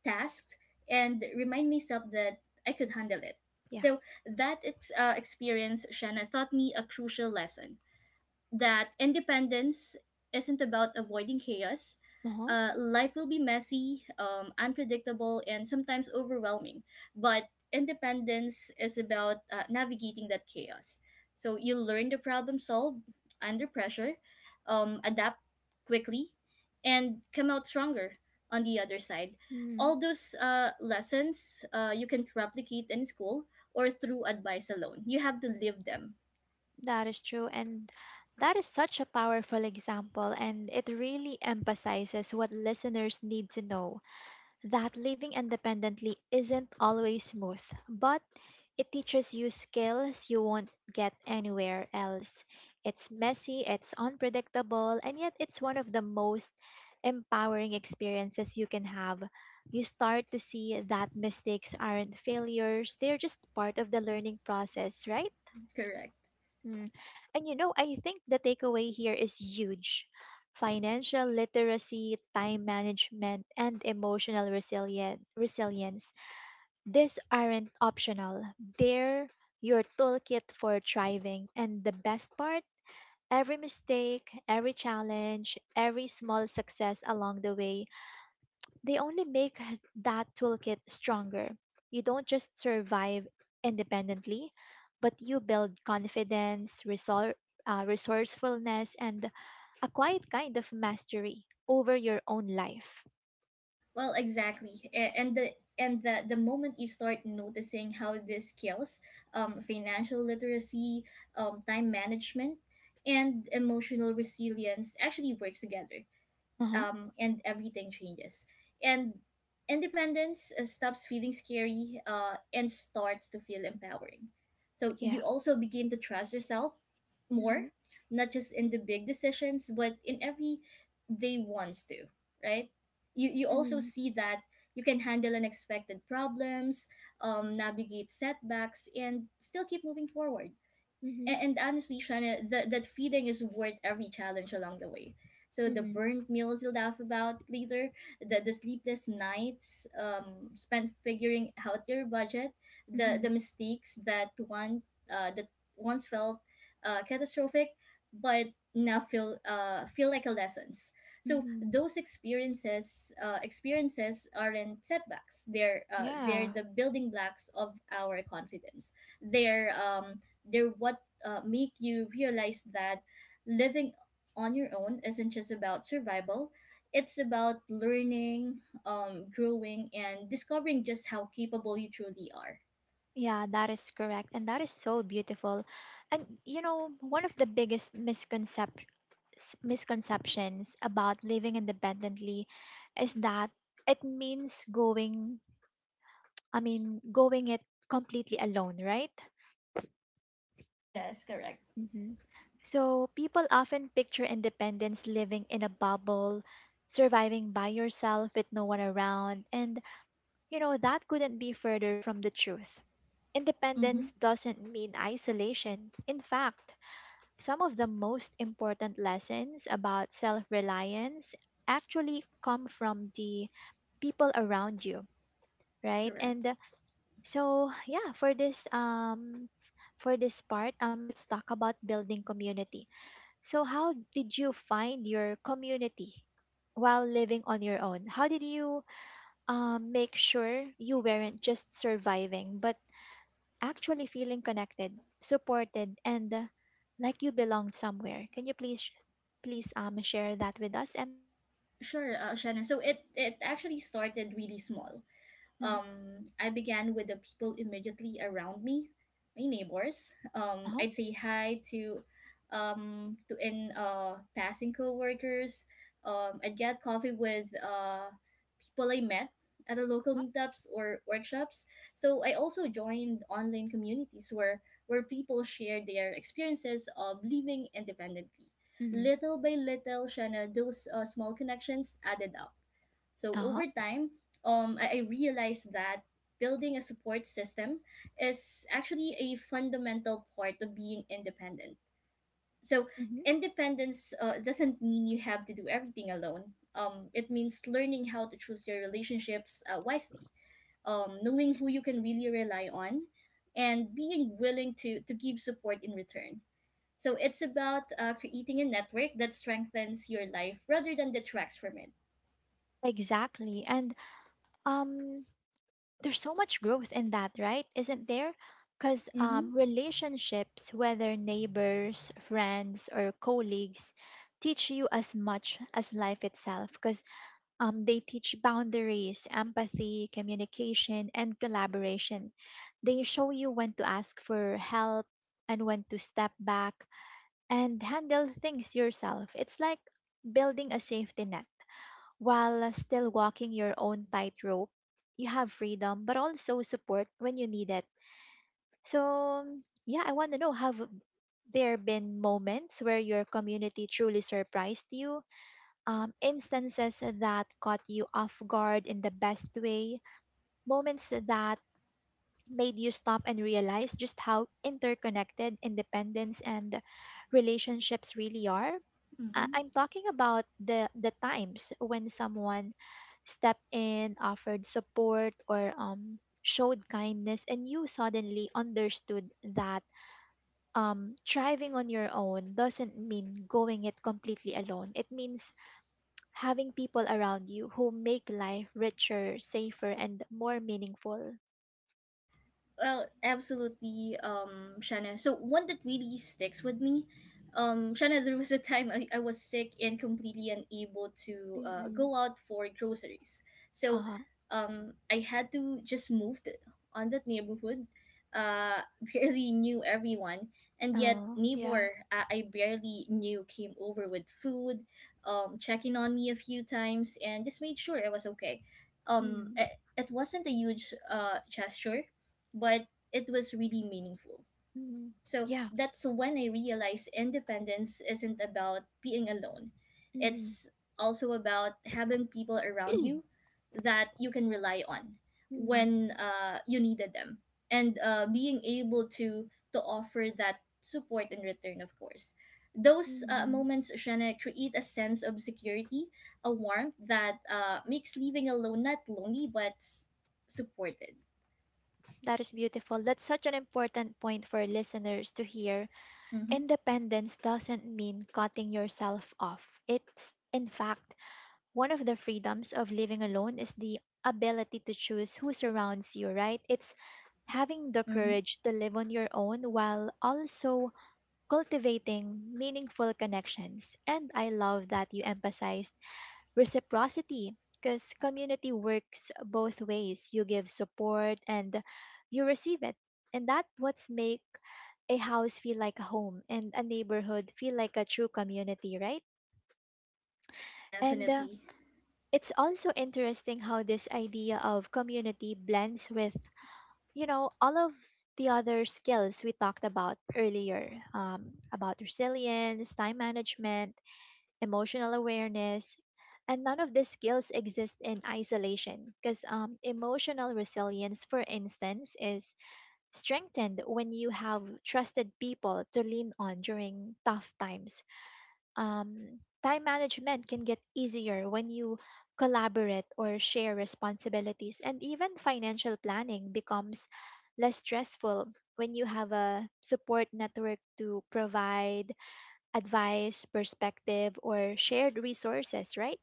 S2: tasks, and remind myself that I could handle it.
S1: yeah.
S2: So that experience, Shanna, taught me a crucial lesson that independence isn't about avoiding chaos.
S1: Uh-huh.
S2: Life will be messy, unpredictable, and sometimes overwhelming. But independence is about navigating that chaos. So you learn to problem solve under pressure, adapt quickly, and come out stronger on the other side.
S1: Mm,
S2: All those lessons you can replicate in school or through advice alone. You have to live them.
S1: that is true. And that is such a powerful example, and it really emphasizes what listeners need to know that living independently isn't always smooth, but it teaches you skills you won't get anywhere else. It's messy, it's unpredictable, and yet it's one of the most empowering experiences you can have. You start to see that mistakes aren't failures, they're just part of the learning process, right?
S2: Correct.
S1: Mm. And you know, I think the takeaway here is huge. Financial literacy, time management, and emotional resilience. These aren't optional. They're your toolkit for thriving. And the best part, every mistake, every challenge, every small success along the way they only make that toolkit stronger. You don't just survive independently, but you build confidence, resourcefulness, and a quiet kind of mastery over your own life.
S2: Well, exactly. And the moment you start noticing how these skills, financial literacy, time management, and emotional resilience actually works together,
S1: Uh-huh.
S2: and everything changes. And independence stops feeling scary and starts to feel empowering. So
S1: Yeah.
S2: you also begin to trust yourself more,
S1: Mm-hmm.
S2: not just in the big decisions, but in every day ones too, right? You also
S1: Mm-hmm.
S2: see that you can handle unexpected problems, navigate setbacks, and still keep moving forward.
S1: Mm-hmm.
S2: And honestly, Shana, that feeling is worth every challenge along the way. So the
S1: Mm-hmm.
S2: burnt meals you laugh about later, the sleepless nights spent figuring out your budget, the,
S1: Mm-hmm.
S2: the mistakes that once felt catastrophic, but now feel like a lessons. So
S1: Hmm.
S2: those experiences aren't setbacks. They're
S1: Yeah.
S2: the building blocks of our confidence. They're um, they're what make you realize that living on your own isn't just about survival. It's about learning, growing, and discovering just how capable you truly are.
S1: Yeah, that is correct. And that is so beautiful. And you know, one of the biggest misconceptions misconceptions about living independently is that it means going it completely alone, right?
S2: Yes, correct.
S1: hmm So people often picture independence living in a bubble, surviving by yourself with no one around, and you know, that couldn't be further from the truth.
S2: Mm-hmm,
S1: Independence doesn't mean isolation. In fact, some of the most important lessons about self reliance actually come from the people around you, right?
S2: correct.
S1: And so, yeah, for this part, let's talk about building community. So, how did you find your community while living on your own? How did you make sure you weren't just surviving, but actually feeling connected, supported, and like you belong somewhere. Can you please share that with us, MM?
S2: Sure, Shanna. So it actually started really small.
S1: Mm,
S2: I began with the people immediately around me, my neighbors.
S1: uh-huh.
S2: I'd say hi to in passing coworkers. I'd get coffee with people I met at the local meetups or workshops. So I also joined online communities where people share their experiences of living independently.
S1: Mm,
S2: Little by little, Shanna, those small connections added up, so
S1: uh-huh.
S2: over time, I realized that building a support system is actually a fundamental part of being independent. So
S1: Hmm.
S2: independence doesn't mean you have to do everything alone. It means learning how to choose your relationships wisely, knowing who you can really rely on, and being willing to give support in return. So it's about creating a network that strengthens your life rather than detracts from it.
S1: Exactly. And um there's so much growth in that, right? Isn't there? Because
S2: Mm-hmm.
S1: relationships, whether neighbors, friends, or colleagues, teach you as much as life itself. Because they teach boundaries, empathy, communication, and collaboration. They show you when to ask for help and when to step back and handle things yourself. It's like building a safety net while still walking your own tightrope. You have freedom, but also support when you need it. So, yeah, I want to know, have there been moments where your community truly surprised you? Instances that caught you off guard in the best way, moments that made you stop and realize just how interconnected independence and relationships really are. I-
S2: Mm-hmm.
S1: I'm talking about the times when someone stepped in, offered support, or showed kindness, and you suddenly understood that thriving on your own doesn't mean going it completely alone. It means having people around you who make life richer, safer, and more meaningful.
S2: Well, absolutely, Shanna. So one that really sticks with me, Shanna, there was a time I was sick and completely unable to
S1: Mm-mm.
S2: go out for groceries. So,
S1: Uh-huh.
S2: I had to just move to, on that neighborhood. Uh, barely knew everyone, and yet
S1: Oh, yeah.
S2: neighbor I barely knew came over with food, checking on me a few times, and just made sure I was okay.
S1: Mm,
S2: It, it wasn't a huge gesture, but it was really meaningful.
S1: mm,
S2: So
S1: yeah.
S2: that's when I realized independence isn't about being alone.
S1: Mm.
S2: It's also about having people around you that you can rely on
S1: mm,
S2: when you needed them, and being able to offer that support in return. Of course, those
S1: mm.
S2: moments, Shana, create a sense of security, a warmth that makes living alone not lonely but supported.
S1: That is beautiful. That's such an important point for listeners to hear.
S2: Mm-hmm,
S1: Independence doesn't mean cutting yourself off. It's, in fact, one of the freedoms of living alone is the ability to choose who surrounds you, right? It's having the
S2: mm-hmm.
S1: courage to live on your own while also cultivating meaningful connections. And I love that you emphasized reciprocity because community works both ways. You give support and you receive it. And that what's make a house feel like a home and a neighborhood feel like a true community, right? And
S2: Definitely.
S1: it's also interesting how this idea of community blends with, you know, all of the other skills we talked about earlier about resilience, time management, emotional awareness. And none of these skills exist in isolation because emotional resilience, for instance, is strengthened when you have trusted people to lean on during tough times. Um, time management can get easier when you collaborate or share responsibilities, and even financial planning becomes less stressful when you have a support network to provide advice, perspective, or shared resources, right?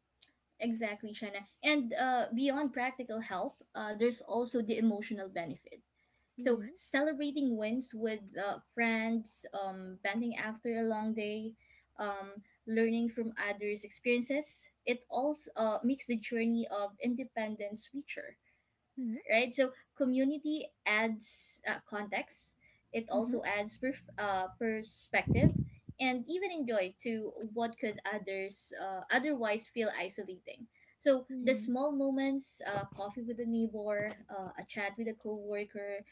S2: Exactly, China. And beyond practical help, there's also the emotional benefit. So,
S1: Mm-hmm.
S2: celebrating wins with friends, bonding after a long day, learning from others' experiences, it also makes the journey of independence richer,
S1: Mm-hmm.
S2: right? So community adds context. It
S1: Mm-hmm.
S2: also adds perf perspective and even enjoy to what could others otherwise feel isolating. So the
S1: Mm.
S2: small moments, coffee with a neighbor, a chat with a coworker,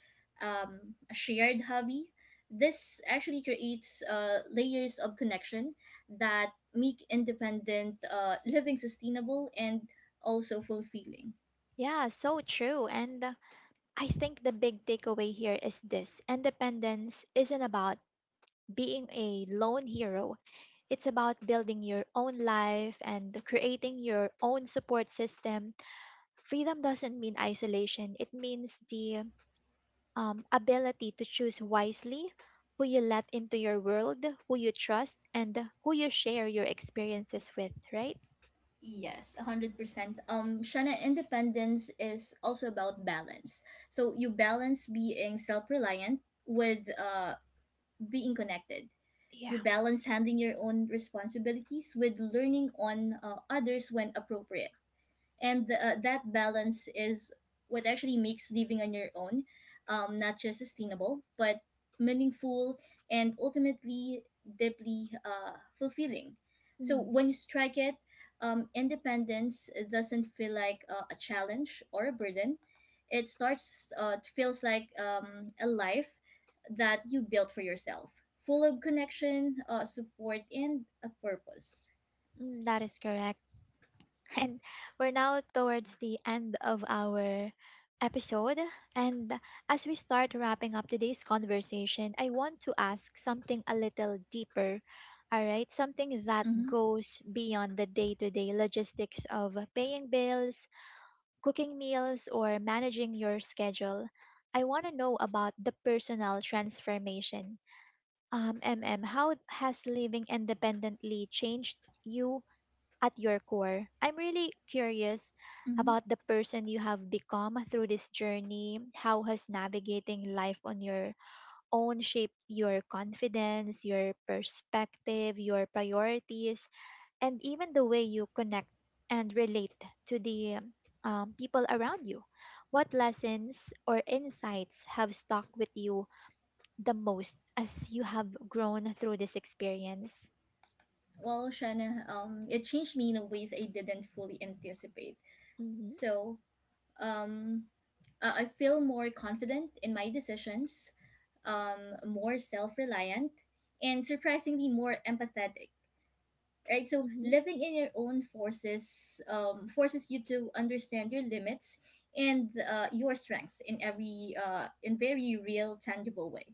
S2: a shared hobby, this actually creates layers of connection that make independent living sustainable and also fulfilling.
S1: Yeah, so true. And I think the big takeaway here is this: independence isn't about being a lone hero. It's about building your own life and creating your own support system. Freedom doesn't mean isolation, it means the ability to choose wisely who you let into your world, who you trust, and who you share your experiences with, right?
S2: Yes, 100%. Shana, independence is also about balance. So you balance being self reliant with being connected.
S1: Yeah.
S2: You balance handling your own responsibilities with learning on others when appropriate, and that balance is what actually makes living on your own, not just sustainable but meaningful and ultimately deeply fulfilling. So
S1: Mm.
S2: when you strike it, independence doesn't feel like a challenge or a burden. It feels like a life that you built for yourself, full of connection, support, and a purpose.
S1: That is correct. And we're now towards the end of our episode. And as we start wrapping up today's conversation, I want to ask something a little deeper. All right, something that
S2: Mm-hmm.
S1: goes beyond the day to day logistics of paying bills, cooking meals, or managing your schedule. I want to know about the personal transformation. MM, how has living independently changed you at your core. I'm really curious
S2: Mm-hmm.
S1: about the person you have become through this journey. How has navigating life on your own shaped your confidence, your perspective, your priorities, and even the way you connect and relate to the people around you? What lessons or insights have stuck with you the most as you have grown through this experience?
S2: Well, Shanna, it changed me in ways I didn't fully anticipate.
S1: Mm-hmm,
S2: So, um, I feel more confident in my decisions, more self reliant, and surprisingly more empathetic, right? So
S1: mm-hmm,
S2: living in your own forces forces you to understand your limits and your strengths in every in very real tangible way.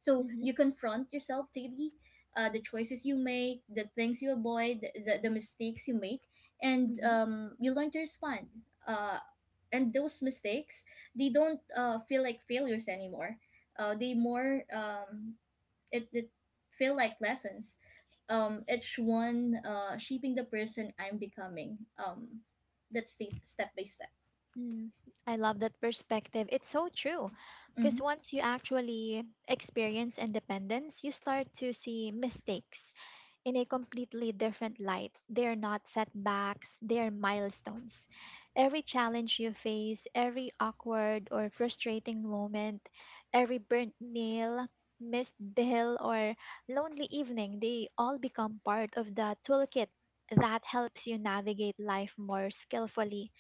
S2: So
S1: mm-hmm,
S2: you confront yourself daily, the choices you make, the things you avoid, the mistakes you make, and
S1: mm-hmm.
S2: you learn to respond. Uh, and those mistakes, they don't feel like failures anymore. They more it did feel like lessons. Each one shaping the person I'm becoming. That's the step by step.
S1: Mm. I love that perspective. It's so true. Because
S2: Mm-hmm.
S1: once you actually experience independence, you start to see mistakes in a completely different light. They're not setbacks, they're milestones. Every challenge you face, every awkward or frustrating moment, every burnt meal, missed bill, or lonely evening, they all become part of the toolkit that helps you navigate life more skillfully.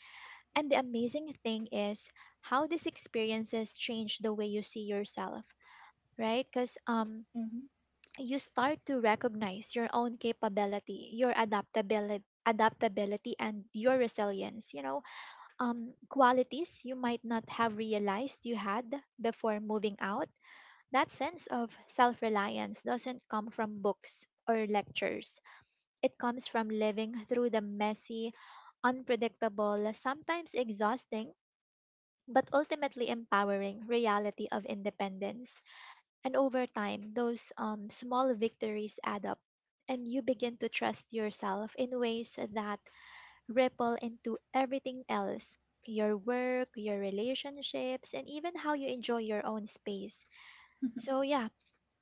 S1: And the amazing thing is how these experiences change the way you see yourself, right? Because
S2: Mm-hmm.
S1: you start to recognize your own capability, your adaptability and your resilience, you know, qualities you might not have realized you had before moving out. That sense of self-reliance doesn't come from books or lectures, it comes from living through the messy, unpredictable, sometimes exhausting, but ultimately empowering reality of independence. And over time, those small victories add up, and you begin to trust yourself in ways that ripple into everything else: your work, your relationships, and even how you enjoy your own space. So, yeah,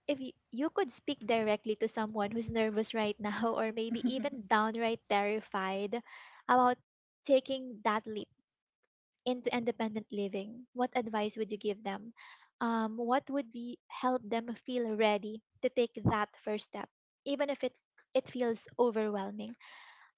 S1: if you could speak directly to someone who's nervous right now, or maybe even downright terrified about taking that leap into independent living, what advice would you give them? What would be, help them feel ready to take that first step, even if it feels overwhelming?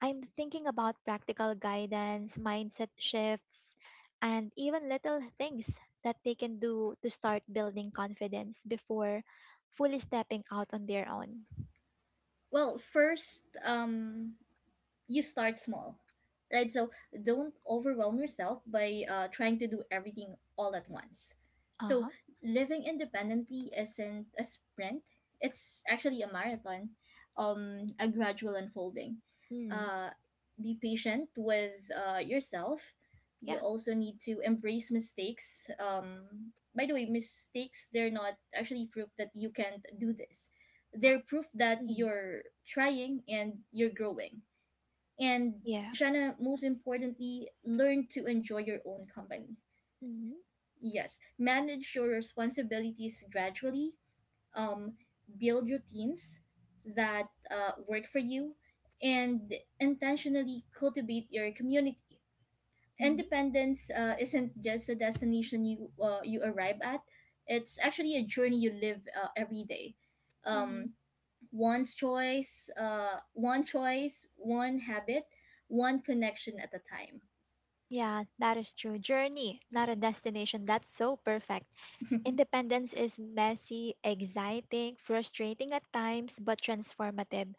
S1: I'm thinking about practical guidance, mindset shifts, and even little things that they can do to start building confidence before fully stepping out on their own.
S2: Well, first, you start small, right? So don't overwhelm yourself by trying to do everything all at once.
S1: Uh
S2: So
S1: huh.
S2: living independently isn't a sprint, it's actually a marathon, um, a gradual unfolding.
S1: Mm,
S2: uh be patient with yourself. You
S1: yeah.
S2: also need to embrace mistakes. Um, by the way, mistakes, they're not actually proof that you can't do this,
S1: Yeah.
S2: they're proof that
S1: hmm
S2: you're trying and you're growing. And,
S1: Yeah.
S2: Shanna, most importantly, learn to enjoy your own company.
S1: Mm-hmm.
S2: Yes, manage your responsibilities gradually. Um, build routines that work for you, and intentionally cultivate your community.
S1: Mm-hmm.
S2: Independence isn't just a destination you you arrive at; it's actually a journey you live every day.
S1: Mm-hmm.
S2: Um, one choice, one habit, one connection at a time.
S1: Yeah, that is true. Journey, not a destination. That's so perfect. Independence is messy, exciting, frustrating at times, but transformative.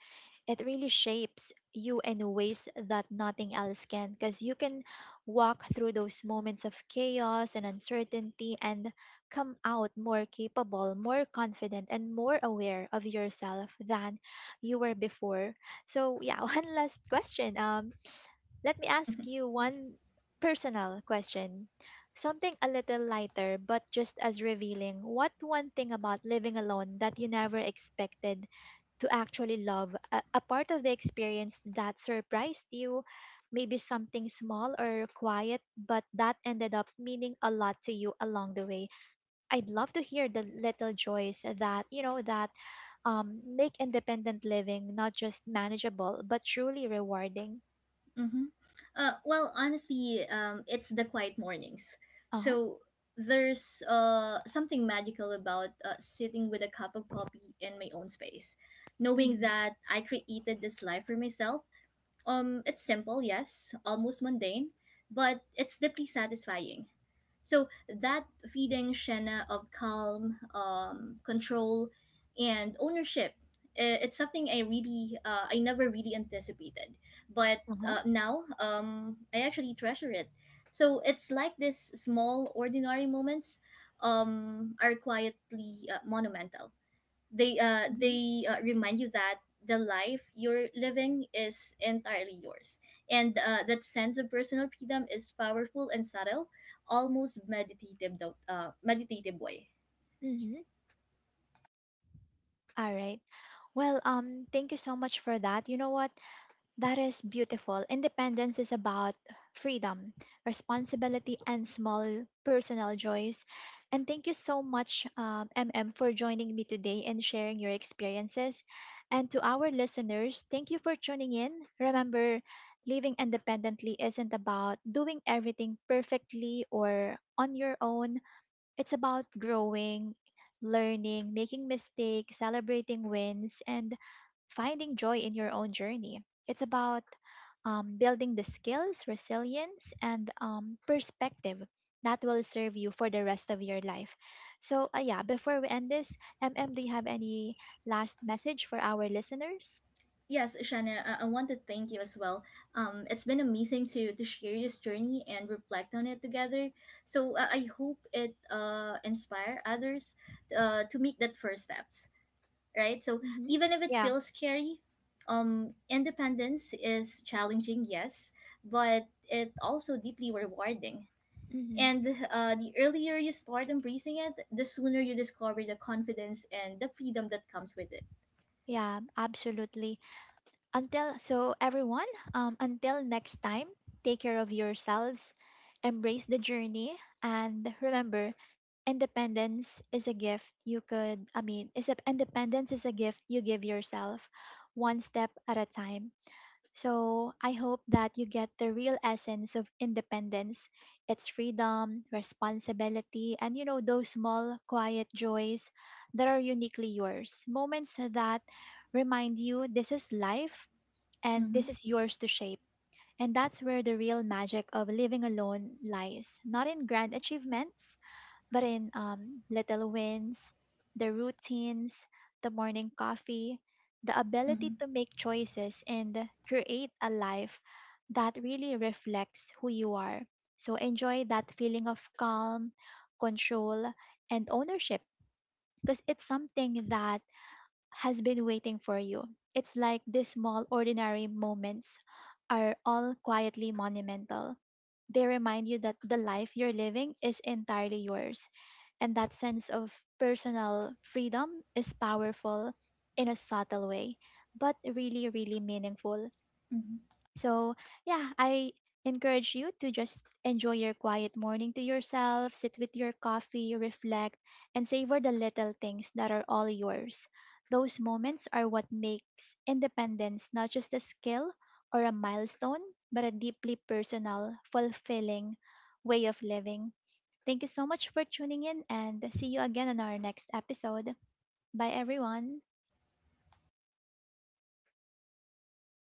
S1: It really shapes you in ways that nothing else can because you can walk through those moments of chaos and uncertainty and come out more capable, more confident, and more aware of yourself than you were before. So, yeah, one last question. Let me ask you one personal question. Something a little lighter, but just as revealing. What one thing about living alone that you never expected to actually love? A part of the experience that surprised you, maybe something small or quiet, but that ended up meaning a lot to you along the way. I'd love to hear the little joys that, you know, that make independent living not just manageable, but truly rewarding.
S2: Hmm. Well, honestly, it's the quiet mornings.
S1: Uh huh.
S2: So there's something magical about sitting with a cup of coffee in my own space, knowing that I created this life for myself. It's simple, yes, almost mundane, but it's deeply satisfying. So that feeding Shenna of calm, control, and ownership, it's something I really, I never really anticipated. But
S1: Uh-huh.
S2: now, I actually treasure it. So it's like these small, ordinary moments, are quietly monumental. They uh
S1: Hmm.
S2: they uh, remind you that the life you're living is entirely yours, and that sense of personal freedom is powerful and subtle, almost meditative though meditative way.
S1: Hmm. All right. Well, thank you so much for that. You know what? That is beautiful. Independence is about freedom, responsibility, and small personal joys. And thank you so much, MM, for joining me today and sharing your experiences. And to our listeners, thank you for tuning in. Remember, living independently isn't about doing everything perfectly or on your own. It's about growing, learning, making mistakes, celebrating wins, and finding joy in your own journey. It's about building the skills, resilience, and perspective that will serve you for the rest of your life. So, yeah, before we end this, MM, do you have any last message for our listeners?
S2: Yes, Shana, I want to thank you as well. It's been amazing to share this journey and reflect on it together. So I hope it inspire others to make that first steps, right? So
S1: Mm-hmm.
S2: even if it
S1: Yeah.
S2: feels scary, independence is challenging, yes, but it also deeply rewarding.
S1: Mm-hmm.
S2: And the earlier you start embracing it, the sooner you discover the confidence and the freedom that comes with it.
S1: Yeah, absolutely. Until so everyone, until next time, take care of yourselves, embrace the journey, and remember, independence is a gift you could. I mean, is a, independence is a gift you give yourself, one step at a time. So I hope that you get the real essence of independence. It's freedom, responsibility, and you know those small, quiet joys that are uniquely yours. Moments that remind you this is life and
S2: Mm-hmm,
S1: this is yours to shape. And that's where the real magic of living alone lies, not in grand achievements, but in little wins, the routines, the morning coffee, the ability
S2: mm-hmm,
S1: to make choices and create a life that really reflects who you are. So enjoy that feeling of calm, control, and ownership because it's something that has been waiting for you. It's like these small, ordinary moments are all quietly monumental. They remind you that the life you're living is entirely yours. And that sense of personal freedom is powerful in a subtle way, but really, really meaningful.
S2: mm-hmm.
S1: So, yeah, I encourage you to just enjoy your quiet morning to yourself, sit with your coffee, reflect, and savor the little things that are all yours. Those moments are what makes independence not just a skill or a milestone, but a deeply personal, fulfilling way of living. Thank you so much for tuning in and see you again on our next episode. Bye, everyone.